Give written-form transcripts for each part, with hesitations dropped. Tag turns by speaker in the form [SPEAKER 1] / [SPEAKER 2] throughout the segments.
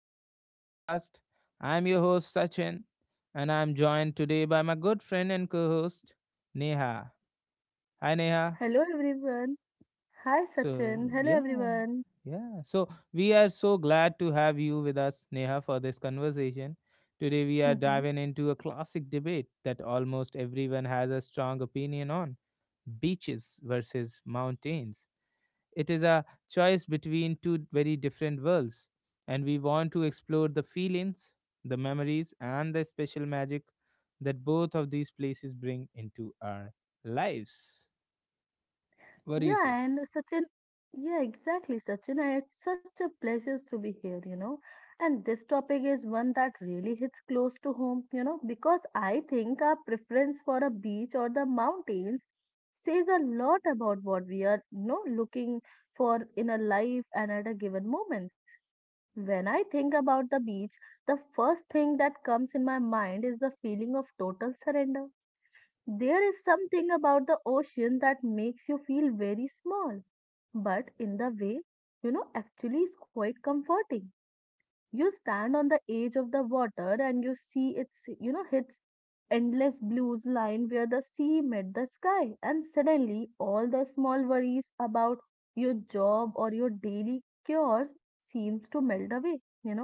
[SPEAKER 1] to our podcast. I'm your host, Sachin, and I'm joined today by my good friend and co host, Neha. Hi, Neha.
[SPEAKER 2] Hello everyone. Hi
[SPEAKER 1] So,
[SPEAKER 2] Sachin. Hello
[SPEAKER 1] yeah,
[SPEAKER 2] everyone.
[SPEAKER 1] yeah. So, we are so glad to have you with us, Neha, for this conversation. Today, we are
[SPEAKER 2] Hmm.
[SPEAKER 1] diving into a classic debate that almost everyone has a strong opinion on beaches versus mountains. It is a choice between two very different worlds, and we want to explore the feelings, the memories, and the special magic that both of these places bring into our lives. What do you
[SPEAKER 2] Yeah,
[SPEAKER 1] say?
[SPEAKER 2] and Sachin, yeah, exactly, Sachin. And it's such a pleasure to be here. And this topic is one that really hits close to home, because I think our preference for a beach or the mountains says a lot about what we are, looking for in a life and at a given moments. When I think about the beach, the first thing that comes in my mind is the feeling of total surrender. There is something about the ocean that makes you feel very small, but in the way, actually is quite comforting. You stand on the edge of the water and you see its endless blues line where the sea met the sky, and suddenly all the small worries about your job or your daily chores seems to melt away.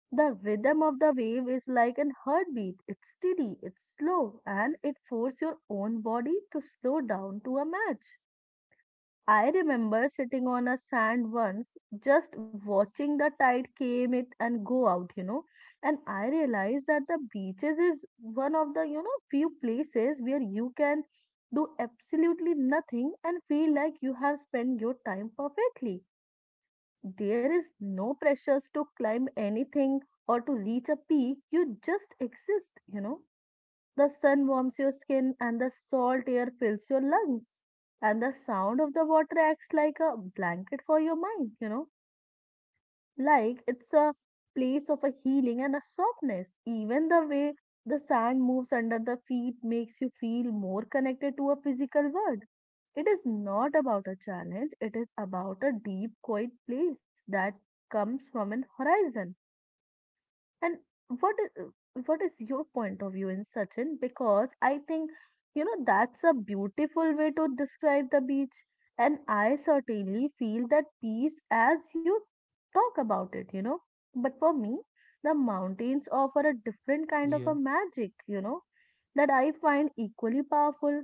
[SPEAKER 2] The rhythm of the wave is like an heartbeat. It's steady, it's slow, and it forces your own body to slow down to a match. I remember sitting on a sand once, just watching the tide came it and go out. And I realized that the beaches is one of the few places where you can do absolutely nothing and feel like you have spent your time perfectly. There is no pressures to climb anything or to reach a peak. You just exist. The sun warms your skin and the salt air fills your lungs. And the sound of the water acts like a blanket for your mind. Like it's a place of a healing and a softness. Even the way the sand moves under the feet makes you feel more connected to a physical world. It is not about a challenge, it is about a deep, quiet place that comes from an horizon. And what is what is your point of view in Sachin? Because I think that's a beautiful way to describe the beach. And I certainly feel that peace as you talk about it. But for me, the mountains offer a different kind of
[SPEAKER 1] Yeah.
[SPEAKER 2] a magic, that I find equally powerful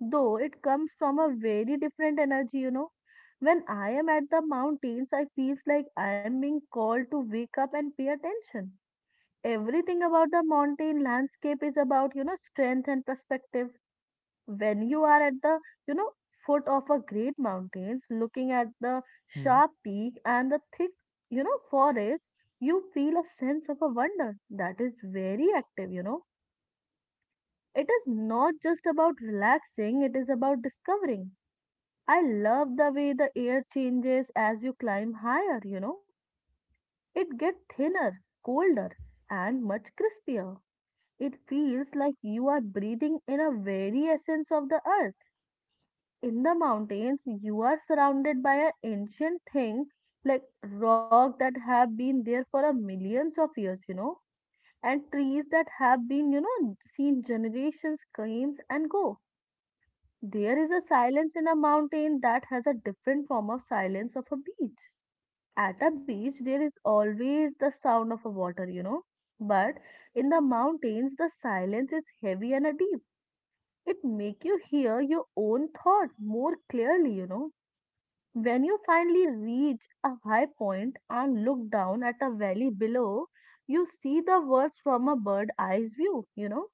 [SPEAKER 2] though it comes from a very different energy. When I am at the mountains, I feels like I am being called to wake up and pay attention. Everything about the mountain landscape is about, strength and perspective. When you are at the, you know, foot of a great mountains, looking at the
[SPEAKER 1] Hmm.
[SPEAKER 2] sharp peak and the thick, forest, you feel a sense of a wonder that is very active. It is not just about relaxing, it is about discovering. I love the way the air changes as you climb higher. It gets thinner, colder, and much crispier. It feels like you are breathing in a very essence of the earth. In the mountains, you are surrounded by an ancient thing like rock that have been there for a millions of years, and trees that have been, seen generations comes and go. There is a silence in a mountain that has a different form of silence of a beach. At a beach, there is always the sound of a water. But in the mountains, the silence is heavy and a deep. It make you hear your own thoughts more clearly. When you finally reach a high point and look down at a valley below, you see the words from a bird eye's view,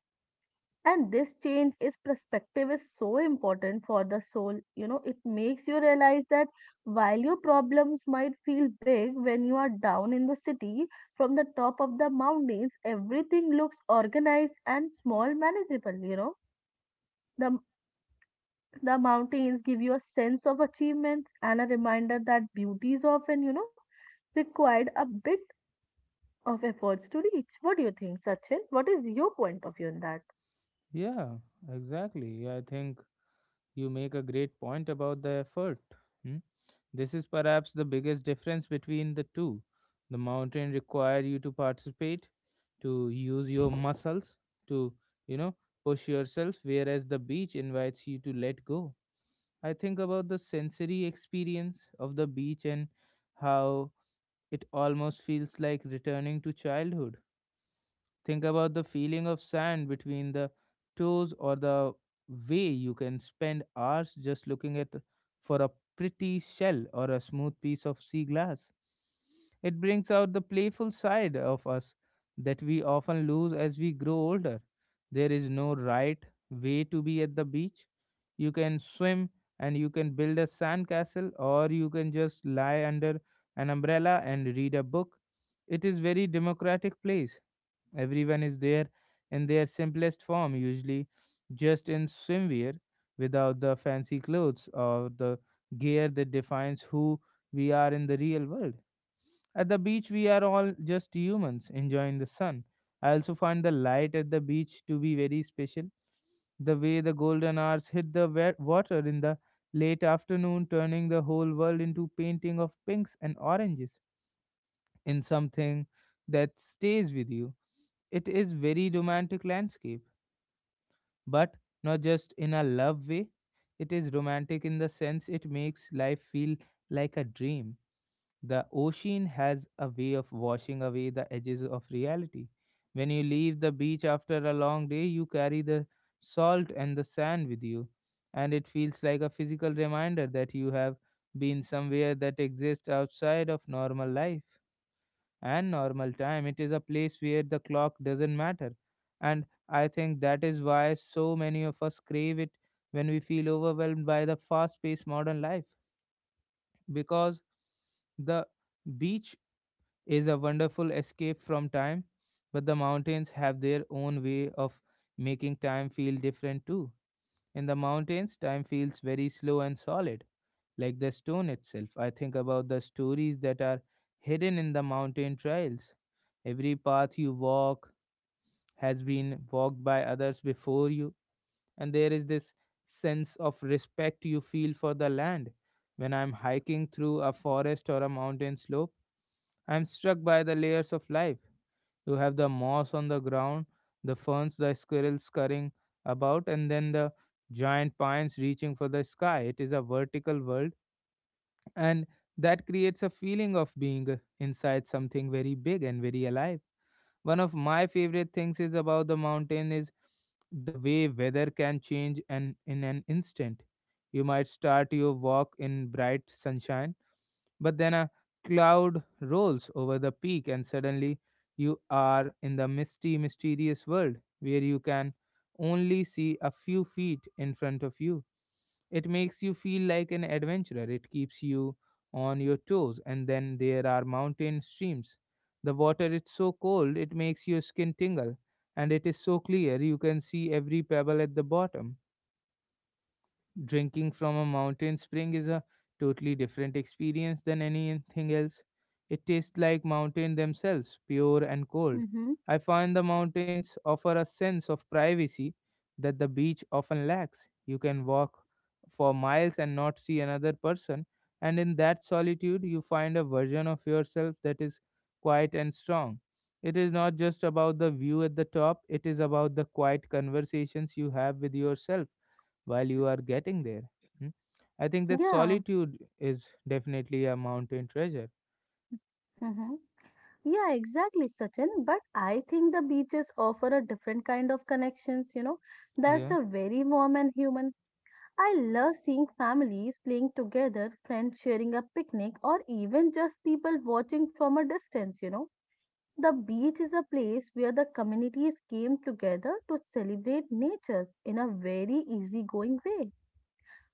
[SPEAKER 2] and this change is perspective is so important for the soul. It makes you realize that while your problems might feel big when you are down in the city, from the top of the mountains everything looks organized and small manageable the the mountains give you a sense of achievements and a reminder that beauty is often required a bit of efforts to reach. What do you think, Sachin? What is your point of view on that?
[SPEAKER 1] Yeah, exactly. I think you make a great point about the effort. Hmm? This is perhaps the biggest difference between the two. The mountain require you to participate, to use your muscles, to, you know, push yourself, whereas the beach invites you to let go. I think about the sensory experience of the beach and how it almost feels like returning to childhood. Think about the feeling of sand between the toes or the way you can spend hours just looking at for a pretty shell or a smooth piece of sea glass. It brings out the playful side of us that we often lose as we grow older. There is no right way to be at the beach. You can swim and you can build a sandcastle, or you can just lie under an umbrella and read a book. It is very democratic place. Everyone is there in their simplest form, usually just in swimwear, without the fancy clothes or the gear that defines who we are in the real world. At the beach, we are all just humans enjoying the sun. I also find the light at the beach to be very special. The way the golden hours hit the water in the late afternoon, turning the whole world into painting of pinks and oranges in something that stays with you. It is very romantic landscape, but not just in a love way. It is romantic in the sense it makes life feel like a dream. The ocean has a way of washing away the edges of reality. When you leave the beach after a long day, you carry the salt and the sand with you, and it feels like a physical reminder that you have been somewhere that exists outside of normal life and normal time. It is a place where the clock doesn't matter. And I think that is why so many of us crave it when we feel overwhelmed by the fast paced modern life. Because the beach is a wonderful escape from time, but the mountains have their own way of making time feel different too. In the mountains, time feels very slow and solid, like the stone itself. I think about the stories that are hidden in the mountain trails. Every path you walk has been walked by others before you, and there is this sense of respect you feel for the land. When I'm hiking through a forest or a mountain slope, I'm struck by the layers of life. You have the moss on the ground, the ferns, the squirrels scurrying about, and then the giant pines reaching for the sky. It is a vertical world, and that creates a feeling of being inside something very big and very alive. One of my favorite things is about the mountain is the way weather can change and in an instant. You might start your walk in bright sunshine, but then a cloud rolls over the peak and suddenly you are in the misty mysterious world where you can only see a few feet in front of you. It makes you feel like an adventurer. It keeps you on your toes. And then there are mountain streams. The water is so cold it makes your skin tingle, and it is so clear you can see every pebble at the bottom. Drinking from a mountain spring is a totally different experience than anything else. It tastes like mountain themselves, pure and cold.
[SPEAKER 2] Mm-hmm.
[SPEAKER 1] I find the mountains offer a sense of privacy that the beach often lacks. You can walk for miles and not see another person, and in that solitude, you find a version of yourself that is quiet and strong. It is not just about the view at the top, it is about the quiet conversations you have with yourself while you are getting there. Hmm? I think that
[SPEAKER 2] Yeah.
[SPEAKER 1] solitude is definitely a mountain treasure.
[SPEAKER 2] Mm-hmm. Yeah, exactly, Sachin. But I think the beaches offer a different kind of connections. That's
[SPEAKER 1] Yeah,
[SPEAKER 2] a very warm and human. I love seeing families playing together, friends sharing a picnic, or even just people watching from a distance. The beach is a place where the communities came together to celebrate natures in a very easygoing way.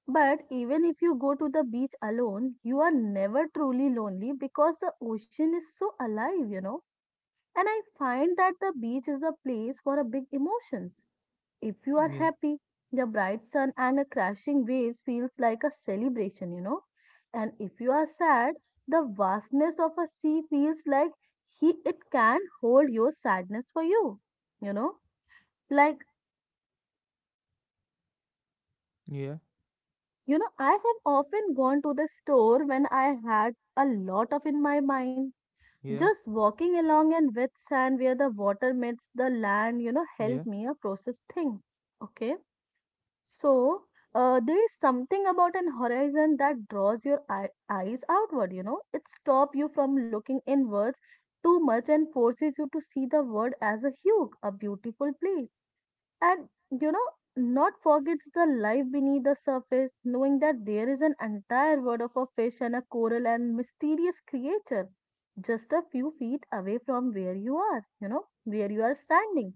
[SPEAKER 2] But even if you go to the beach alone, you are never truly lonely because the ocean is so alive, and I find that the beach is a place for a big emotions. If you are
[SPEAKER 1] yeah,
[SPEAKER 2] happy, the bright sun and the crashing waves feels like a celebration. And if you are sad, the vastness of a sea feels like he it can hold your sadness for you. You know, like
[SPEAKER 1] yeah,
[SPEAKER 2] you know, I have often gone to the store when I had a lot of in my mind.
[SPEAKER 1] yeah,
[SPEAKER 2] Just walking along and wet sand where the water meets the land,
[SPEAKER 1] yeah,
[SPEAKER 2] helped me a process thing. Okay. So, there is something about an horizon that draws your eyes outward. It stops you from looking inwards too much and forces you to see the world as a hue, a beautiful place. And, not forgets the life beneath the surface, knowing that there is an entire world of a fish and a coral and mysterious creature just a few feet away from where you are, where you are standing.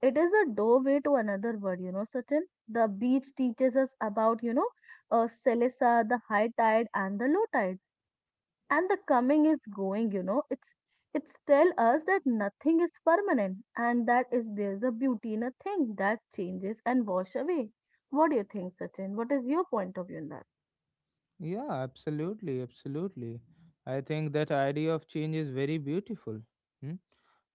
[SPEAKER 2] It is a doorway to another world, Sachin. The beach teaches us about Selesa, the high tide and the low tide. And the coming is going. It's tell us that nothing is permanent and that is there's a beauty in a thing that changes and wash away. What do you think, Sachin? What is your point of view in that?
[SPEAKER 1] yeah, absolutely, absolutely. I think that idea of change is very beautiful. Hmm?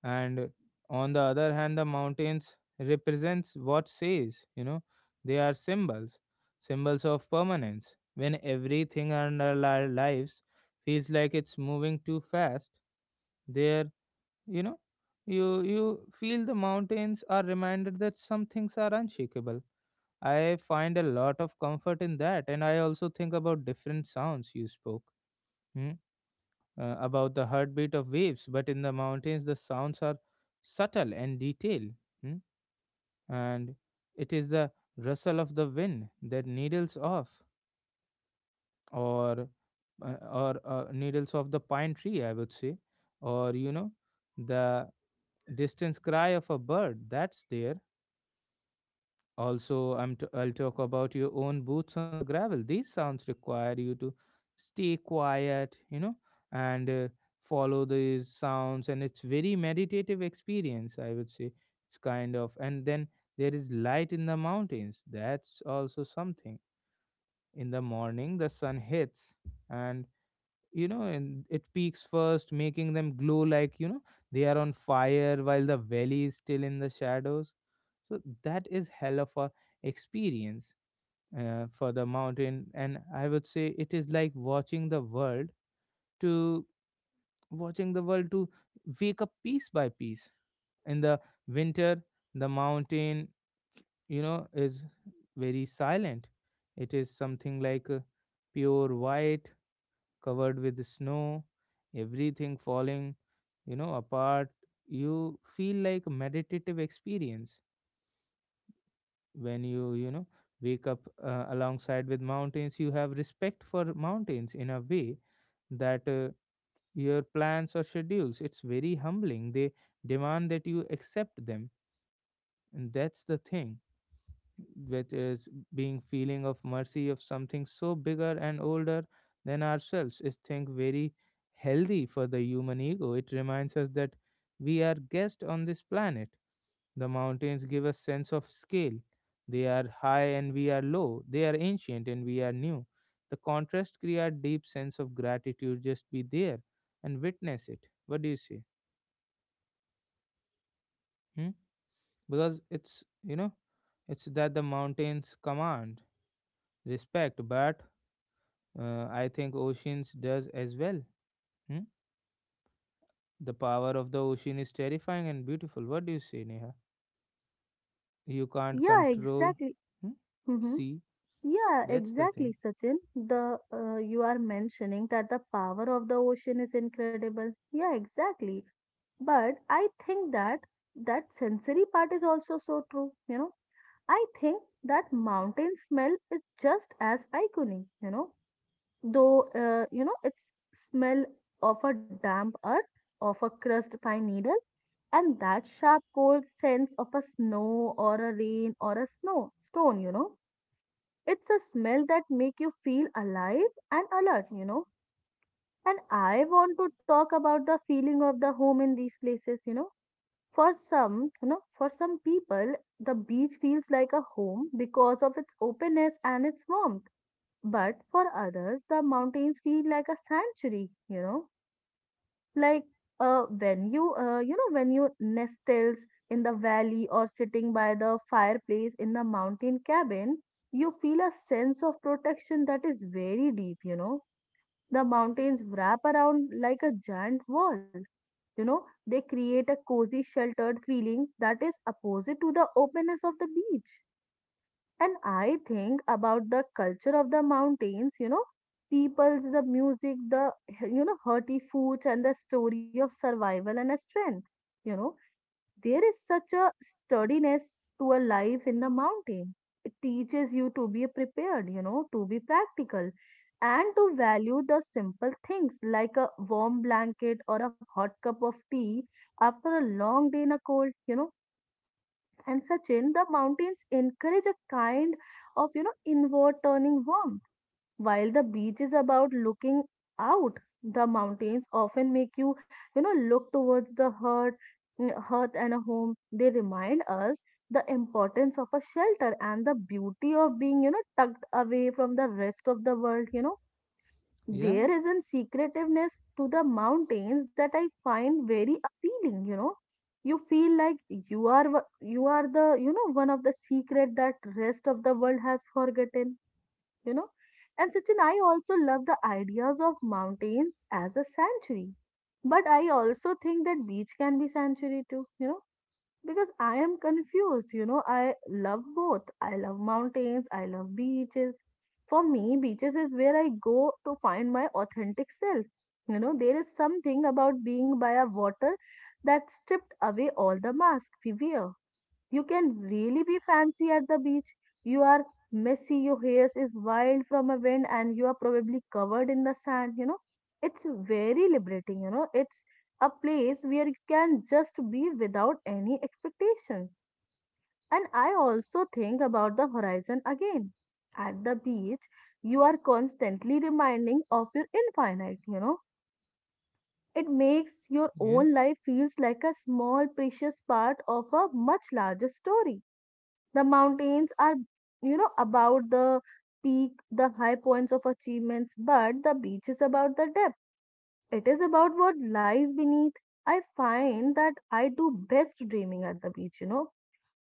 [SPEAKER 1] And on the other hand, the mountains represents what says, they are symbols, symbols of permanence. When everything in our lives feels like it's moving too fast, there, you know you feel the mountains are reminded that some things are unshakable. I find a lot of comfort in that. And I also think about different sounds you spoke. Hmm? About the heartbeat of waves, but in the mountains the sounds are subtle and detailed. Hmm? And it is the rustle of the wind that needles off, or or needles of the pine tree, I would say, or, the distance cry of a bird that's there. Also, I'll talk about your own boots on the gravel. These sounds require you to stay quiet, and follow these sounds. And it's very meditative experience, I would say. It's kind of, and then there is light in the mountains. That's also something. In the morning, the sun hits, and, and it peaks first, making them glow like, they are on fire, while the valley is still in the shadows. So that is hell of a experience for the mountain. And I would say it is like to watching the world to wake up piece by piece. In the winter, the mountain, is very silent. It is something like pure white covered with snow, everything falling, apart. You feel like a meditative experience when you, wake up alongside with mountains. You have respect for mountains in a way that your plans or schedules, it's very humbling. They demand that you accept them. And that's the thing which is being feeling of mercy of something so bigger and older than ourselves is think very healthy for the human ego. It reminds us that we are guests on this planet. The mountains give us sense of scale. They are high and we are low, they are ancient and we are new. The contrast create deep sense of gratitude just be there and witness it. What do you say? Hmm? Because it's you know it's that the mountains command respect, but I think oceans does as well. Hmm? The power of the ocean is terrifying and beautiful. What do you say, Neha? You can't
[SPEAKER 2] Yeah,
[SPEAKER 1] control.
[SPEAKER 2] exactly.
[SPEAKER 1] Hmm?
[SPEAKER 2] Hmm.
[SPEAKER 1] See,
[SPEAKER 2] Yeah,
[SPEAKER 1] that's the
[SPEAKER 2] exactly,
[SPEAKER 1] thing.
[SPEAKER 2] Sachin. The you are mentioning that the power of the ocean is incredible. Yeah, exactly, but I think that sensory part is also so true. I think that mountain smell is just as iconic, though it's smell of a damp earth, of a crushed pine needle, and that sharp cold sense of a snow or a rain or a snow stone. It's a smell that make you feel alive and alert. And I want to talk about the feeling of the home in these places. For some people, the beach feels like a home because of its openness and its warmth. But for others, the mountains feel like a sanctuary, like when you nestles in the valley or sitting by the fireplace in the mountain cabin, you feel a sense of protection that is very deep. The mountains wrap around like a giant wall. They create a cozy, sheltered feeling that is opposite to the openness of the beach. And I think about the culture of the mountains, peoples, the music, the hearty foods, and the story of survival and a strength. You know, there is such a sturdiness to a life in the mountain. It teaches you to be prepared, to be practical and to value the simple things like a warm blanket or a hot cup of tea after a long day in a cold. And such in the mountains encourage a kind of, inward turning warmth. While the beach is about looking out, the mountains often make you, look towards the heart, hearth and a home. They remind us the importance of a shelter and the beauty of being, tucked away from the rest of the world.
[SPEAKER 1] Yeah,
[SPEAKER 2] There is a secretiveness to the mountains that I find very appealing. You feel like you are wo- you are the you know one of the secret that rest of the world has forgotten you know. And Sachin, I also love the ideas of mountains as a sanctuary. But I also think that beach can be sanctuary too, because I am confused. I love both. I love mountains, I love beaches. For me, beaches is where I go to find my authentic self. There is something about being by a water that stripped away all the mask we wear. You can really be fancy at the beach. You are messy, your hair is wild from a wind, and you are probably covered in the sand. It's very liberating. It's a place where you can just be without any expectations. And I also think about the horizon again. At the beach, you are constantly reminding of your infinite. It makes your
[SPEAKER 1] yeah,
[SPEAKER 2] own life feels like a small precious part of a much larger story. The mountains are, about the peak, the high points of achievements, but the beach is about the depth. It is about what lies beneath. I find that I do best dreaming at the beach.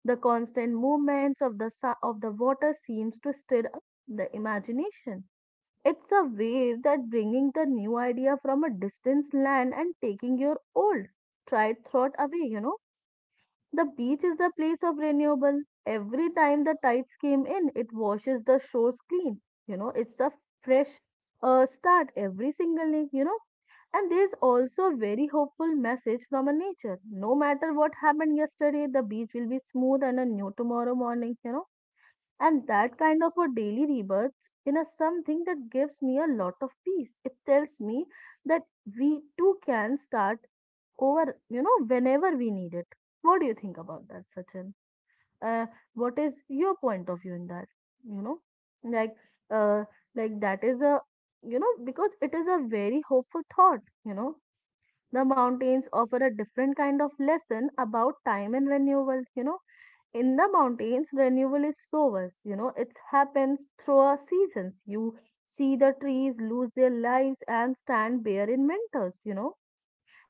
[SPEAKER 2] The constant movements of the water seems to stir up the imagination. It's a wave that bringing the new idea from a distant land and taking your old tried thought away. The beach is the place of renewal. Every time the tides came in, it washes the shores clean. It's a fresh start every single day. And there's also a very hopeful message from a nature. No matter what happened yesterday, the beach will be smooth and a new tomorrow morning, and that kind of a daily rebirth in a something that gives me a lot of peace. It tells me that we too can start over, whenever we need it. What do you think about that, Sachin? Uh, what is your point of view in that? You know, like, uh, like that is a, because it is a very hopeful thought. The mountains offer a different kind of lesson about time and renewal. In the mountains, renewal is source. It happens through our seasons. You see the trees lose their lives and stand bare in winters you know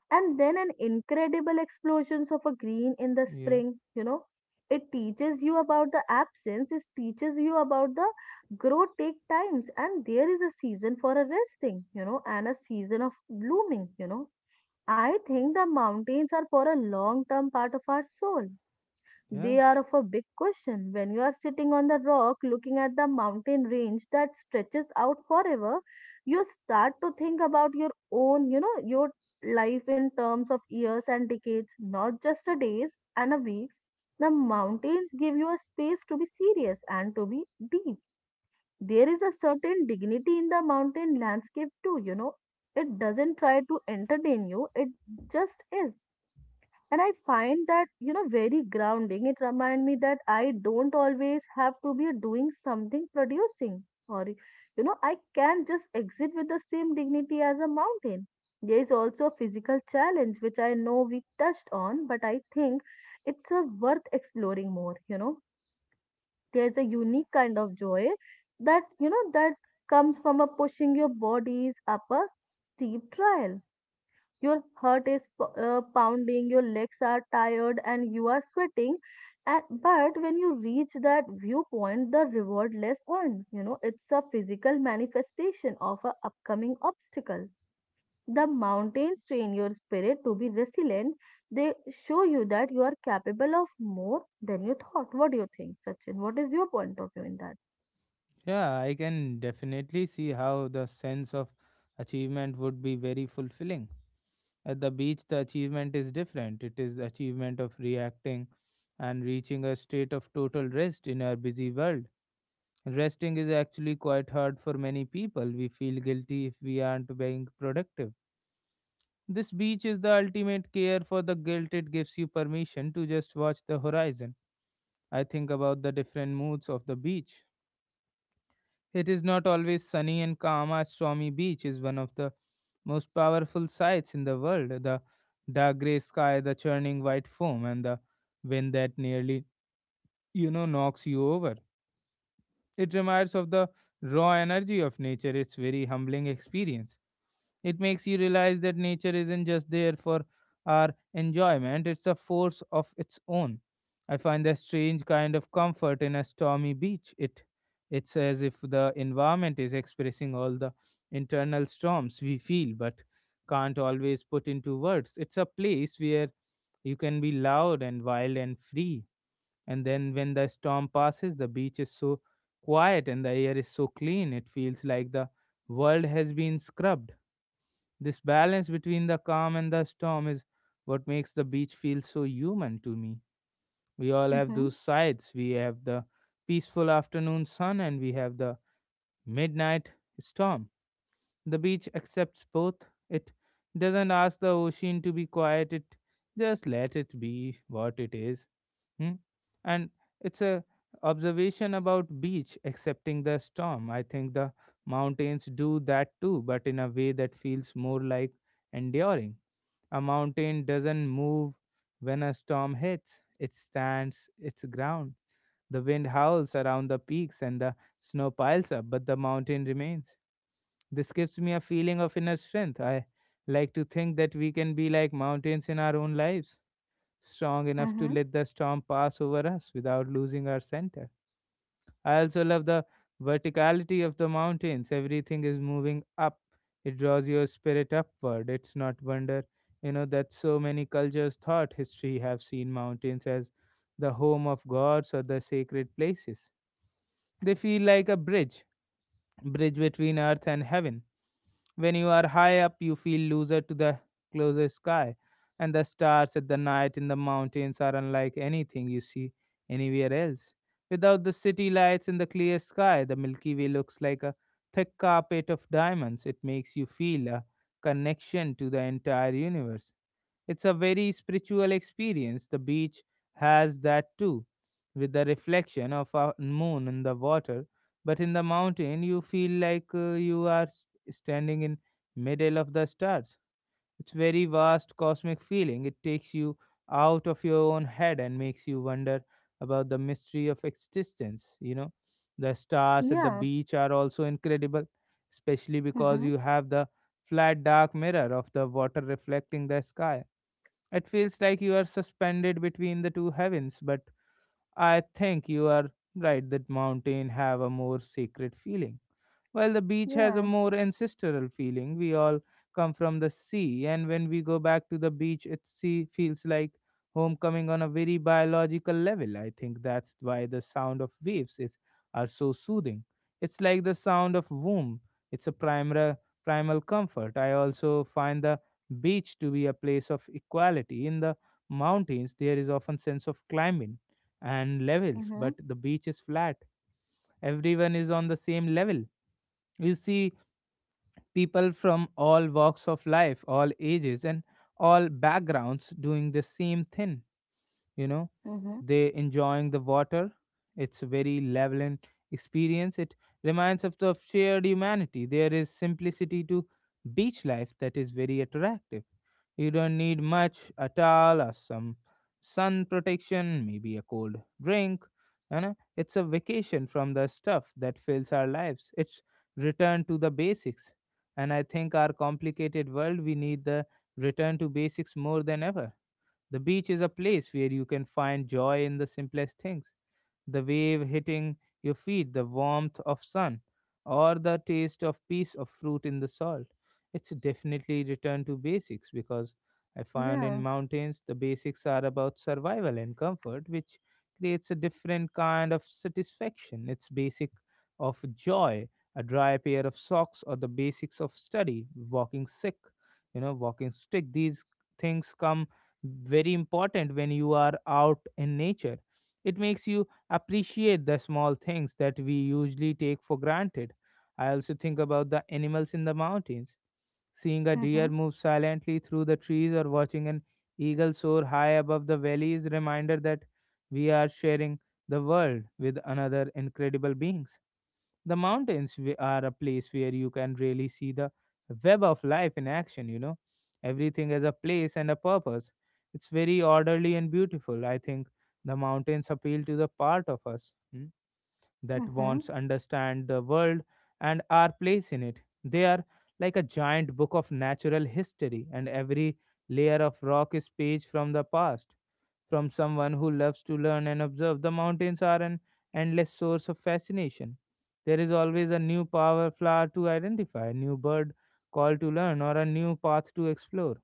[SPEAKER 2] and then an incredible explosions of a green in the
[SPEAKER 1] yeah,
[SPEAKER 2] spring. It teaches you about the absence. It teaches you about the growth take times, and there is a season for a resting, and a season of blooming. I think the mountains are for a long term part of our soul.
[SPEAKER 1] yeah,
[SPEAKER 2] They are of a big question. When you are sitting on the rock looking at the mountain range that stretches out forever, you start to think about your own, your life in terms of years and decades, not just a days and a weeks. The mountains give you a space to be serious and to be deep. There is a certain dignity in the mountain landscape too. It doesn't try to entertain you, it just is. And I find that very grounding. It reminds me that I don't always have to be doing something producing, or I can just exit with the same dignity as a mountain. There is also a physical challenge which I know we touched on, but I think it's worth exploring more. There's a unique kind of joy that you know that comes from a pushing your bodies up a steep trail. Your heart is pounding, your legs are tired, and you are sweating. And, but when you reach that viewpoint, the reward less on. It's a physical manifestation of an upcoming obstacle. The mountains train your spirit to be resilient. They show you that you are capable of more than you thought. What do you think, Sachin? What is your point of view in that?
[SPEAKER 1] yeah. I can definitely see how the sense of achievement would be very fulfilling. At the beach, the achievement is different. It is the achievement of reacting and reaching a state of total rest in our busy world. Resting is actually quite hard for many people. We feel guilty if we aren't being productive. This beach is the ultimate care for the guilt. It gives you permission to just watch the horizon. I think about the different moods of the beach. It is not always sunny and calm. As Swami Beach is one of the most powerful sights in the world. The dark gray sky, the churning white foam, and the wind that nearly, knocks you over. It reminds of the raw energy of nature. It's very humbling experience. It makes you realize that nature isn't just there for our enjoyment, it's a force of its own. I find a strange kind of comfort in a stormy beach. It's as if the environment is expressing all the internal storms we feel but can't always put into words. It's a place where you can be loud and wild and free. And then when the storm passes, the beach is so quiet and the air is so clean, it feels like the world has been scrubbed. This balance between the calm and the storm is what makes the beach feel so human to me. We all have
[SPEAKER 2] Mm-hmm.
[SPEAKER 1] those sides. We have the peaceful afternoon sun and we have the midnight storm. The beach accepts both. It doesn't ask the ocean to be quiet, it just let it be what it is. Hmm? And it's a observation about beach accepting the storm. I think the mountains do that too, but in a way that feels more like enduring. A mountain doesn't move when a storm hits. It stands its ground. The wind howls around the peaks and the snow piles up, but the mountain remains. This gives me a feeling of inner strength. I like to think that we can be like mountains in our own lives, strong enough to
[SPEAKER 2] Mm-hmm.
[SPEAKER 1] let the storm pass over us without losing our center. I also love the verticality of the mountains. Everything is moving up. It draws your spirit upward. It's not wonder, that so many cultures thought history have seen mountains as the home of gods or the sacred places. They feel like a bridge between earth and heaven. When you are high up, you feel loser to the closer sky, and the stars at the night in the mountains are unlike anything you see anywhere else. Without the city lights in the clear sky, the Milky Way looks like a thick carpet of diamonds. It makes you feel a connection to the entire universe. It's a very spiritual experience. The beach has that too, with the reflection of a moon in the water, but in the mountain you feel like standing in middle of the stars. It's very vast cosmic feeling. It takes you out of your own head and makes you wonder about the mystery of existence, you know. The stars at the
[SPEAKER 2] Yeah.
[SPEAKER 1] beach are also incredible, especially because
[SPEAKER 2] Mm-hmm.
[SPEAKER 1] you have the flat dark mirror of the water reflecting the sky. It feels like you are suspended between the two heavens. But I think you are right that mountain have a more sacred feeling, while the beach has a
[SPEAKER 2] Yeah.
[SPEAKER 1] more ancestral feeling. We all come from the sea, and when we go back to the beach, it feels like homecoming on a very biological level. I think that's why the sound of waves is are so soothing. It's like the sound of womb. It's a primal comfort. I also find the beach to be a place of equality. In the mountains, there is often sense of climbing and levels,
[SPEAKER 2] Mm-hmm.
[SPEAKER 1] but the beach is flat. Everyone is on the same level. You see people from all walks of life, all ages, and all backgrounds doing the same thing, you know.
[SPEAKER 2] Mm-hmm.
[SPEAKER 1] They enjoying the water. It's very leveling experience. It reminds of the shared humanity. There is simplicity to beach life that is very attractive. You don't need much, a towel or some sun protection, maybe a cold drink. You know, it's a vacation from the stuff that fills our lives. It's return to the basics, and I think our complicated world we need the return to basics more than ever. The beach is a place where you can find joy in the simplest things, the wave hitting your feet, the warmth of sun, or the taste of piece of fruit in the salt. It's definitely return to basics because I found
[SPEAKER 2] Yeah.
[SPEAKER 1] in mountains the basics are about survival and comfort, which creates a different kind of satisfaction. It's basic of joy, a dry pair of socks, or the basics of study, walking sick, you know, walking stick. These things come very important when you are out in nature. It makes you appreciate the small things that we usually take for granted. I also think about the animals in the mountains. Seeing a
[SPEAKER 2] Mm-hmm.
[SPEAKER 1] deer move silently through the trees or watching an eagle soar high above the valley is a reminder that we are sharing the world with another incredible being. The are a place where you can really see the web of life in action, you know. Everything has a place and a purpose. It's very orderly and beautiful. I think the mountains appeal to the part of us, hmm, that
[SPEAKER 2] Mm-hmm.
[SPEAKER 1] wants understand the world and our place in it. They are like a giant book of natural history, and every layer of rock is page from the past. From someone who loves to learn and observe, the mountains are an endless source of fascination. There is always a new power flower to identify, a new bird call to learn, or a new path to explore.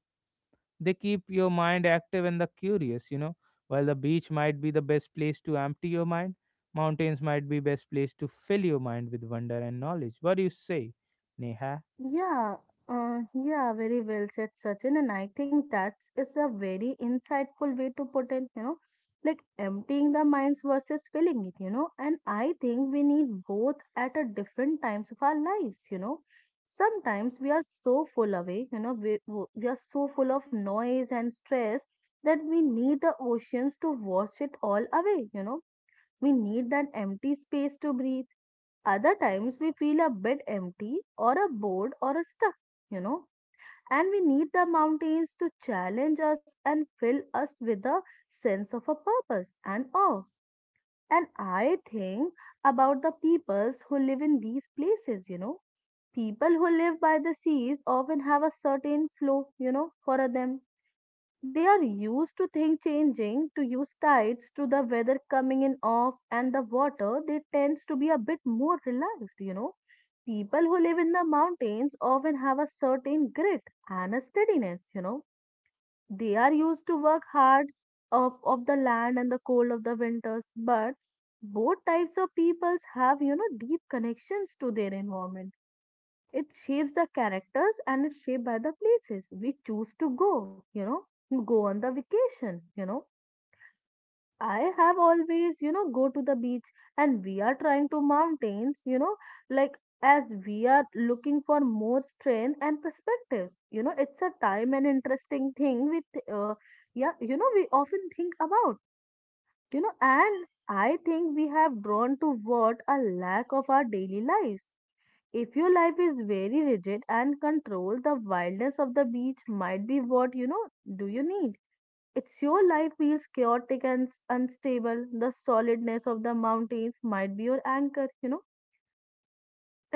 [SPEAKER 1] They keep your mind active and the curious, you know. While the beach might be the best place to empty your mind, mountains might be best place to fill your mind with wonder and knowledge. What do you say, Neha?
[SPEAKER 2] Yeah, yeah, very well said, Sachin. And I think that's is a very insightful way to put it, like emptying the minds versus filling it. And I think we need both at a different times of our lives. Sometimes we are so full away, we are so full of noise and stress that we need the oceans to wash it all away. We need that empty space to breathe. Other times we feel a bit empty or a bored or a stuck, you know, and we need the mountains to challenge us and fill us with a sense of a purpose and awe. And I think about the peoples who live in these places. People who live by the seas often have a certain flow. For them they are used to things changing, to use tides, to the weather coming in off and the water, they tends to be a bit more relaxed. People who live in the mountains often have a certain grit and a steadiness. They are used to work hard of the land and the cold of the winters, but both types of peoples have, deep connections to their environment. It shapes the characters and it's shaped by the places we choose to go, go on the vacation. I have always, go to the beach and we are trying to mountains, like as we are looking for more strength and perspective. It's a time and interesting thing with, uh, yeah, we often think about, and I think we have drawn to what a lack of our daily lives. If your life is very rigid and controlled, the wildness of the beach might be what do you need. It's your life feels chaotic and unstable, the solidness of the mountains might be your anchor.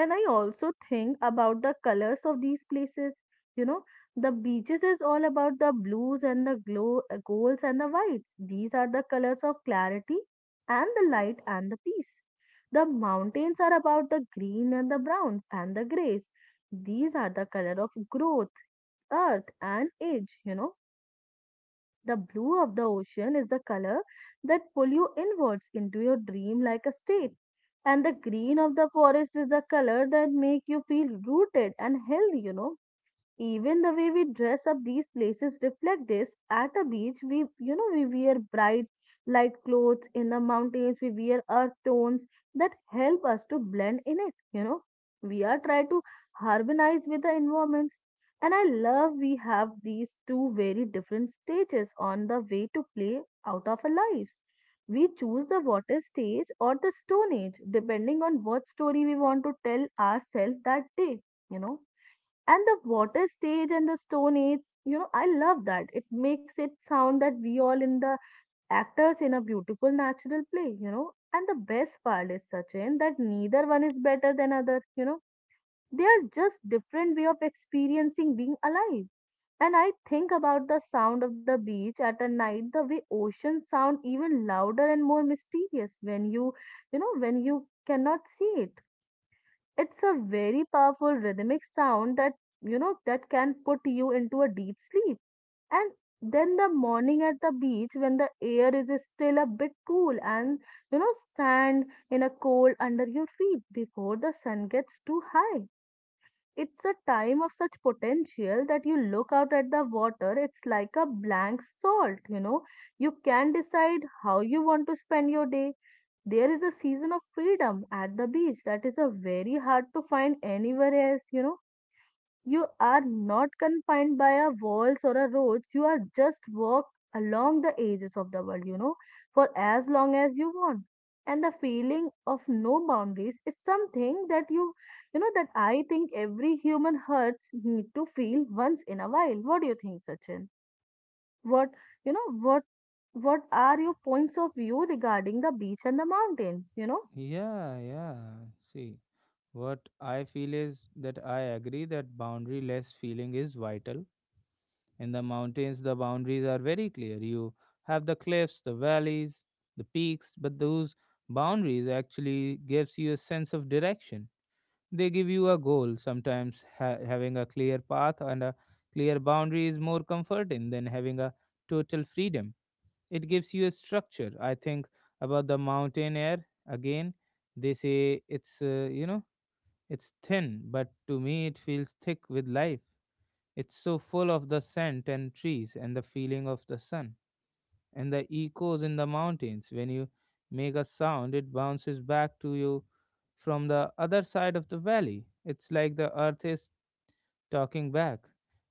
[SPEAKER 2] And I also think about the colors of these places you know the beaches is all about the blues and the glow golds and the whites. These are the colors of clarity and the light and the peace. The mountains are about the green and the browns and the grays. These are the color of growth earth and age. The blue of the ocean is the color that pull you inwards into your dream like a state. And the green of the forest is the color that make you feel rooted and healthy. Even the way we dress up these places reflect this. At a beach, we we wear bright light clothes. In the mountains, we wear earth tones that help us to blend in it. We are trying to harmonize with the environments. And I love we have these two very different stages on the way to play out of our lives. We choose the water stage or the stone age depending on what story we want to tell ourselves that day. You know and the water stage and the stone age. I love that it makes it sound that we all in the actors in a beautiful natural play. And the best part is, Sachin, that neither one is better than other. They are just different way of experiencing being alive. And I think about the sound of the beach at a night the way oceans sound even louder and more mysterious when when you cannot see it. It's a very powerful rhythmic sound that can put you into a deep sleep. And then the morning at the beach when the air is still a bit cool and sand in a cold under your feet before the sun gets too high. It's a time of such potential that you look out at the water, it's like a blank salt, you know. You can decide how you want to spend your day. There is a season of freedom at the beach that is a very hard to find anywhere else. You are not confined by a walls or a roads. You are just walk along the edges of the world, for as long as you want. And the feeling of no boundaries is something that you know that I think every human hearts need to feel once in a while. What do you think, Sachin? What you know what what are your points of view regarding the beach and the mountains?
[SPEAKER 1] Yeah. See, what I feel is that I agree that boundaryless feeling is vital. In the mountains, the boundaries are very clear. You have the cliffs, the valleys, the peaks, but those boundaries actually gives you a sense of direction. They give you a goal. Sometimes having a clear path and a clear boundary is more comforting than having a total freedom. It gives you a structure. I think about the mountain air again. They say it's, it's thin, but to me it feels thick with life. It's so full of the scent and trees and the feeling of the sun and the echoes in the mountains. When you make a sound, it bounces back to you from the other side of the valley. It's like the earth is talking back.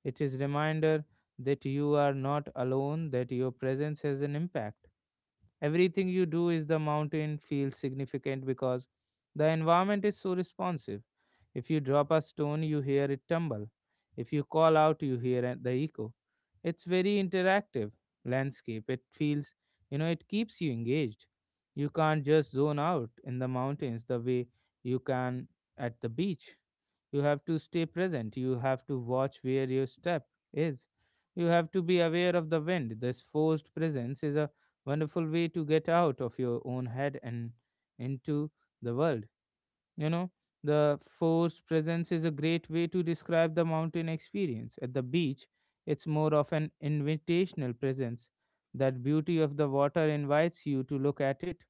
[SPEAKER 1] It is reminder that you are not alone, that your presence has an impact. Everything you do is the mountain feels significant because the environment is so responsive. If you drop a stone, you hear it tumble. If you call out, you hear the echo. It's very interactive landscape. It feels, you know, it keeps you engaged. You can't just zone out in the mountains the way you can at the beach. You have to stay present. You have to watch where your step is. You have to be aware of the wind. This forced presence is a wonderful way to get out of your own head and into the world. You know, the force presence is a great way to describe the mountain experience. At the beach, it's more of an invitational presence. That beauty of the water invites you to look at it,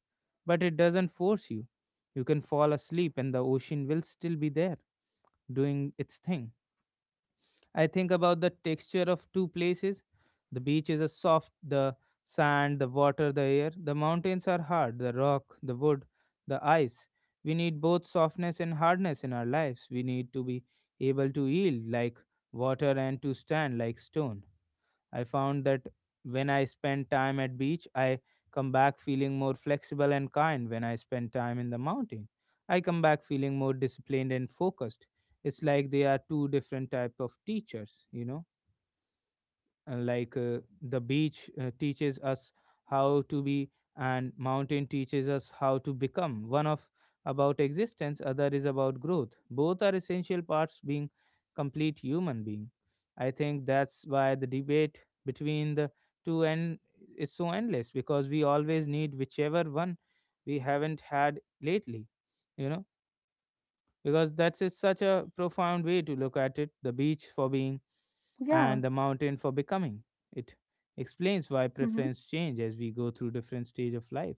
[SPEAKER 1] but it doesn't force you. You can fall asleep and the ocean will still be there doing its thing. I think about the texture of two places. The beach is a soft, the sand, the water, the air. The mountains are hard, the rock, the wood, the ice. We need both softness and hardness in our lives. We need to be able to yield like water and to stand like stone. I found that when I spend time at beach, I come back feeling more flexible and kind. When I spend time in the mountain, I come back feeling more disciplined and focused. It's like they are two different type of teachers, you know. The beach teaches us how to be, and mountain teaches us how to become. One of about existence, other is about growth. Both are essential parts being complete human being. I think that's why the debate between the two end is so endless, because we always need whichever one we haven't had lately, you know. Because that's is such a profound way to look at it, the beach for being
[SPEAKER 2] Yeah.
[SPEAKER 1] and the mountain for becoming. It explains why
[SPEAKER 2] Mm-hmm.
[SPEAKER 1] preference change as we go through different stage of life.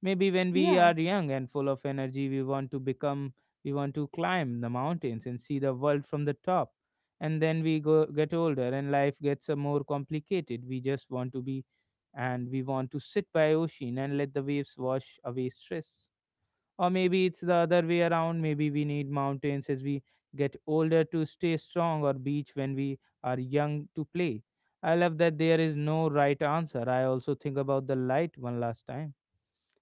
[SPEAKER 1] Maybe when we
[SPEAKER 2] Yeah.
[SPEAKER 1] are young and full of energy we want to become, we want to climb the mountains and see the world from the top, and then we go get older and life gets a more complicated, we just want to be, and we want to sit by ocean and let the waves wash away stress. Or maybe it's the other way around. Maybe we need mountains as we get older to stay strong, or beach when we are young to play. I love that there is no right answer. I also think about the light one last time.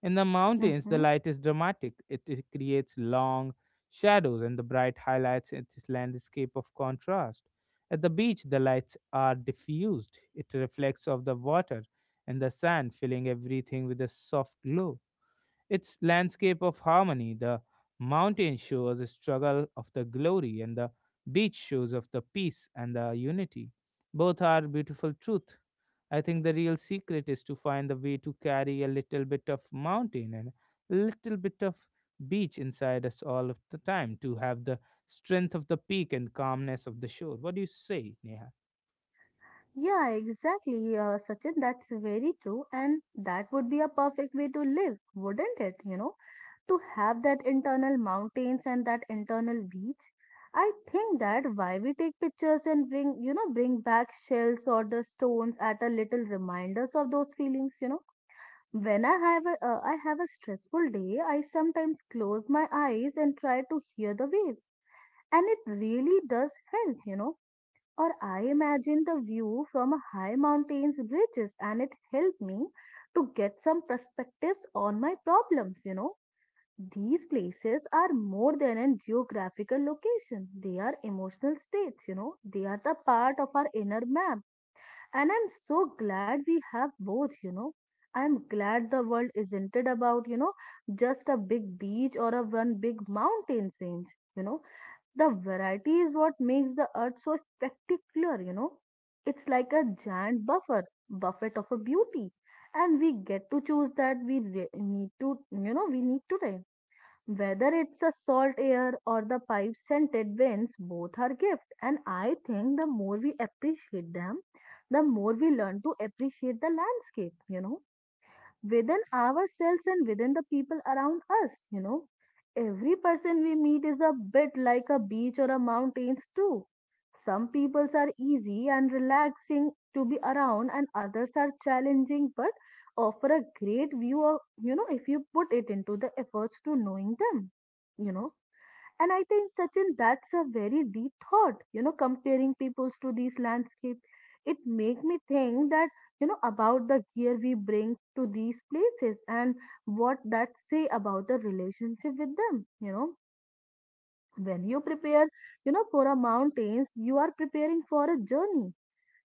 [SPEAKER 1] In the mountains, the
[SPEAKER 2] Mm-hmm.
[SPEAKER 1] light is dramatic. It creates long shadows, and the bright highlights its landscape of contrast. At the beach, the lights are diffused. It reflects off the water and the sand, filling everything with a soft glow. Its landscape of harmony, the mountain shows the struggle of the glory, and the beach shows of the peace and the unity. Both are beautiful truth. I think the real secret is to find the way to carry a little bit of mountain and a little bit of beach inside us all of the time, to have the strength of the peak and calmness of the shore. What do you say, Neha?
[SPEAKER 2] Yeah, exactly, Sachin. That's very true. And that would be a perfect way to live, wouldn't it? To have that internal mountains and that internal beach. I think that why we take pictures and bring, bring back shells or the stones at a little reminders of those feelings. When I have a stressful day, I sometimes close my eyes and try to hear the waves and it really does help, or I imagined the view from a high mountain's ridges, and it helped me to get some perspectives on my problems. These places are more than a geographical location, they are emotional states, they are the part of our inner map. And I'm so glad we have both. I'm glad the world isn't it about, just a big beach or a one big mountain range. You know, the variety is what makes the earth so spectacular. It's like a giant buffet of a beauty. And we get to choose that we need to, we need today. Whether it's a salt air or the pipe scented winds, both are gift. And I think the more we appreciate them, the more we learn to appreciate the landscape, within ourselves and within the people around us. Every person we meet is a bit like a beach or a mountains too. Some peoples are easy and relaxing to be around and others are challenging but offer a great view of, if you put it into the efforts to knowing them, you know. And I think, Sachin, that's a very deep thought, comparing peoples to these landscape. It make me think that, about the gear we bring to these places and what that say about the relationship with them. When you prepare, for a mountains, you are preparing for a journey.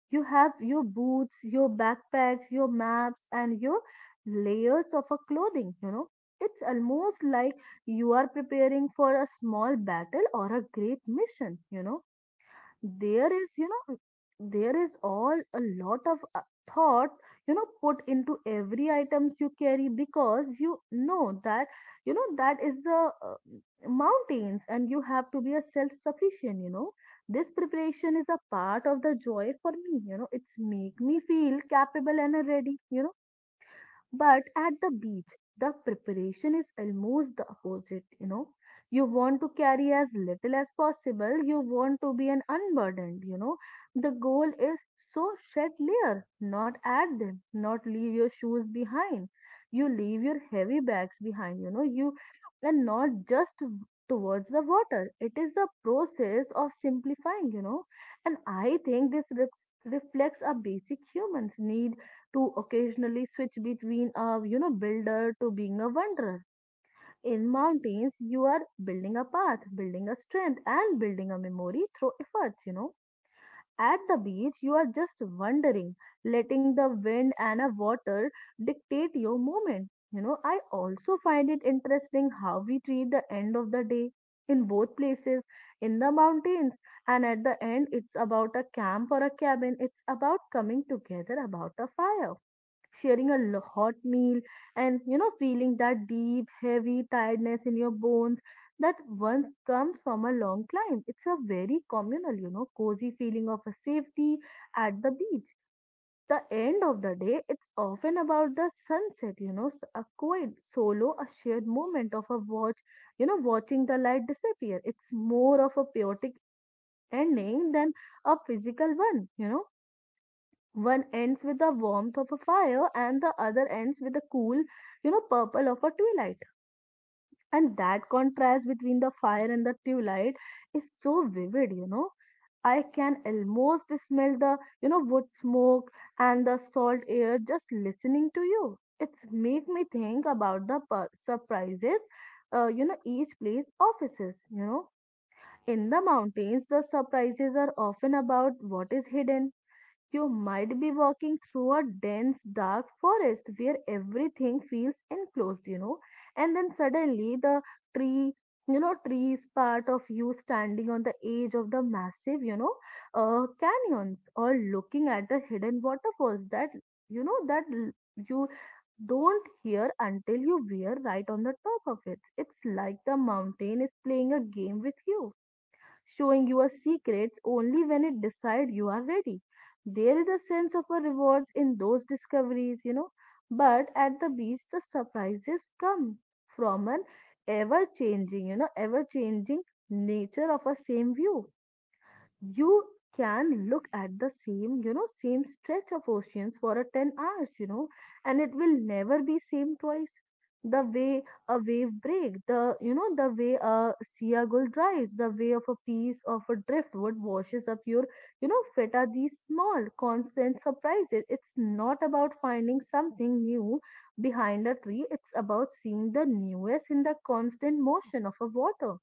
[SPEAKER 2] You have your boots, your backpacks, your maps, and your layers of a clothing. It's almost like you are preparing for a small battle or a great mission. there is you know there is all a lot of thought put into every items you carry because you know that that is the mountains and you have to be a self sufficient. This preparation is a part of the joy for me. It's make me feel capable and ready. But at the beach, the preparation is almost the opposite, you know. You want to carry as little as possible, you want to be an unburdened. The goal is so shed layer, not add them, not leave your shoes behind. You leave your heavy bags behind, you and not just towards the water. It is the process of simplifying. And I think this reflects a basic human's need to occasionally switch between a builder to being a wanderer. In mountains, you are building a path, building a strength, and building a memory through efforts. At the beach, you are just wandering, letting the wind and a water dictate your movement. I also find it interesting how we treat the end of the day in both places, in the mountains, and at the end, it's about a camp or a cabin. It's about coming together about a fire, sharing a hot meal and feeling that deep heavy tiredness in your bones that once comes from a long climb. It's a very communal, cozy feeling of a safety. At the beach, the end of the day, it's often about the sunset, a quiet solo, a shared moment of a watch. Watching the light disappear, it's more of a poetic ending than a physical one. One ends with the warmth of a fire and the other ends with the cool, purple of a twilight. And that contrast between the fire and the twilight is so vivid. I can almost smell the, wood smoke and the salt air just listening to you. It's make me think about the surprises, each place offices. In the mountains, the surprises are often about what is hidden. You might be walking through a dense, dark forest where everything feels enclosed, and then suddenly the tree, tree is part of you standing on the edge of the massive, canyons or looking at the hidden waterfalls that you don't hear until you were right on the top of it. It's like the mountain is playing a game with you showing your secrets only when it decides you are ready. There is a sense of a rewards in those discoveries. But at the beach, the surprises come from an ever changing, ever changing nature of a same view. You can look at the same you know same stretch of oceans for a 10 hours. And it will never be same twice. The way a wave break, the you know the way a sea gull drives, the way of a piece of a driftwood washes up your feta these small constant surprises. It's not about finding something new behind a tree. It's about seeing the newest in the constant motion of a water.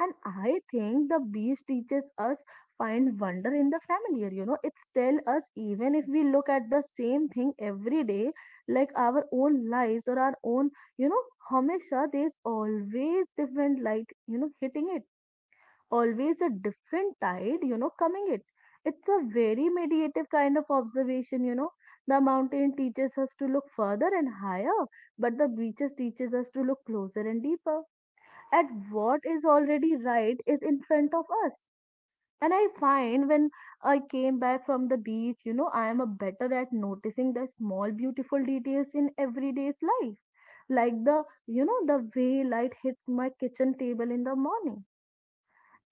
[SPEAKER 2] And I think the beast teaches us find wonder in the familiar. It's tell us even if we look at the same thing every day, like our own lives or our own, you know, Hamesha there's always different light, hitting it. Always a different tide, coming it. It's a very meditative kind of observation. The mountain teaches us to look further and higher, but the beaches teaches us to look closer and deeper at what is already right is in front of us. And I find when I came back from the beach, I am a better at noticing the small, beautiful details in everyday's life, like the way light hits my kitchen table in the morning.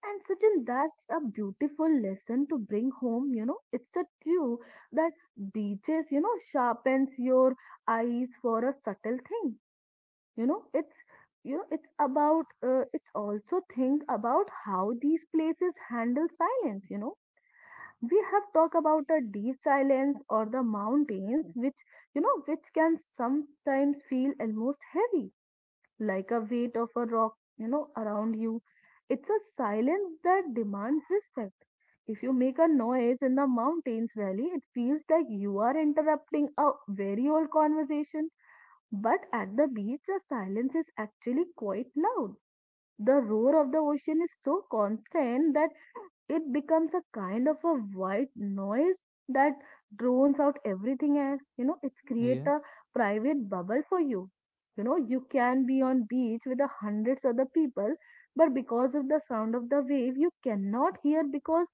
[SPEAKER 2] And Sachin, that's a beautiful lesson to bring home. It's a true that beaches, sharpens your eyes for a subtle thing. It's it's about, it's also think about how these places handle silence. We have talked about the deep silence or the mountains, which you know which can sometimes feel almost heavy like a weight of a rock, around you. It's a silence that demands respect. If you make a noise in the mountains valley, it feels like you are interrupting a very old conversation. But at the beach, the silence is actually quite loud. The roar of the ocean is so constant that it becomes a kind of a white noise that drones out everything else. It's create
[SPEAKER 1] Yeah,
[SPEAKER 2] a private bubble for you. You can be on beach with the hundreds other people, but because of the sound of the wave, you cannot hear because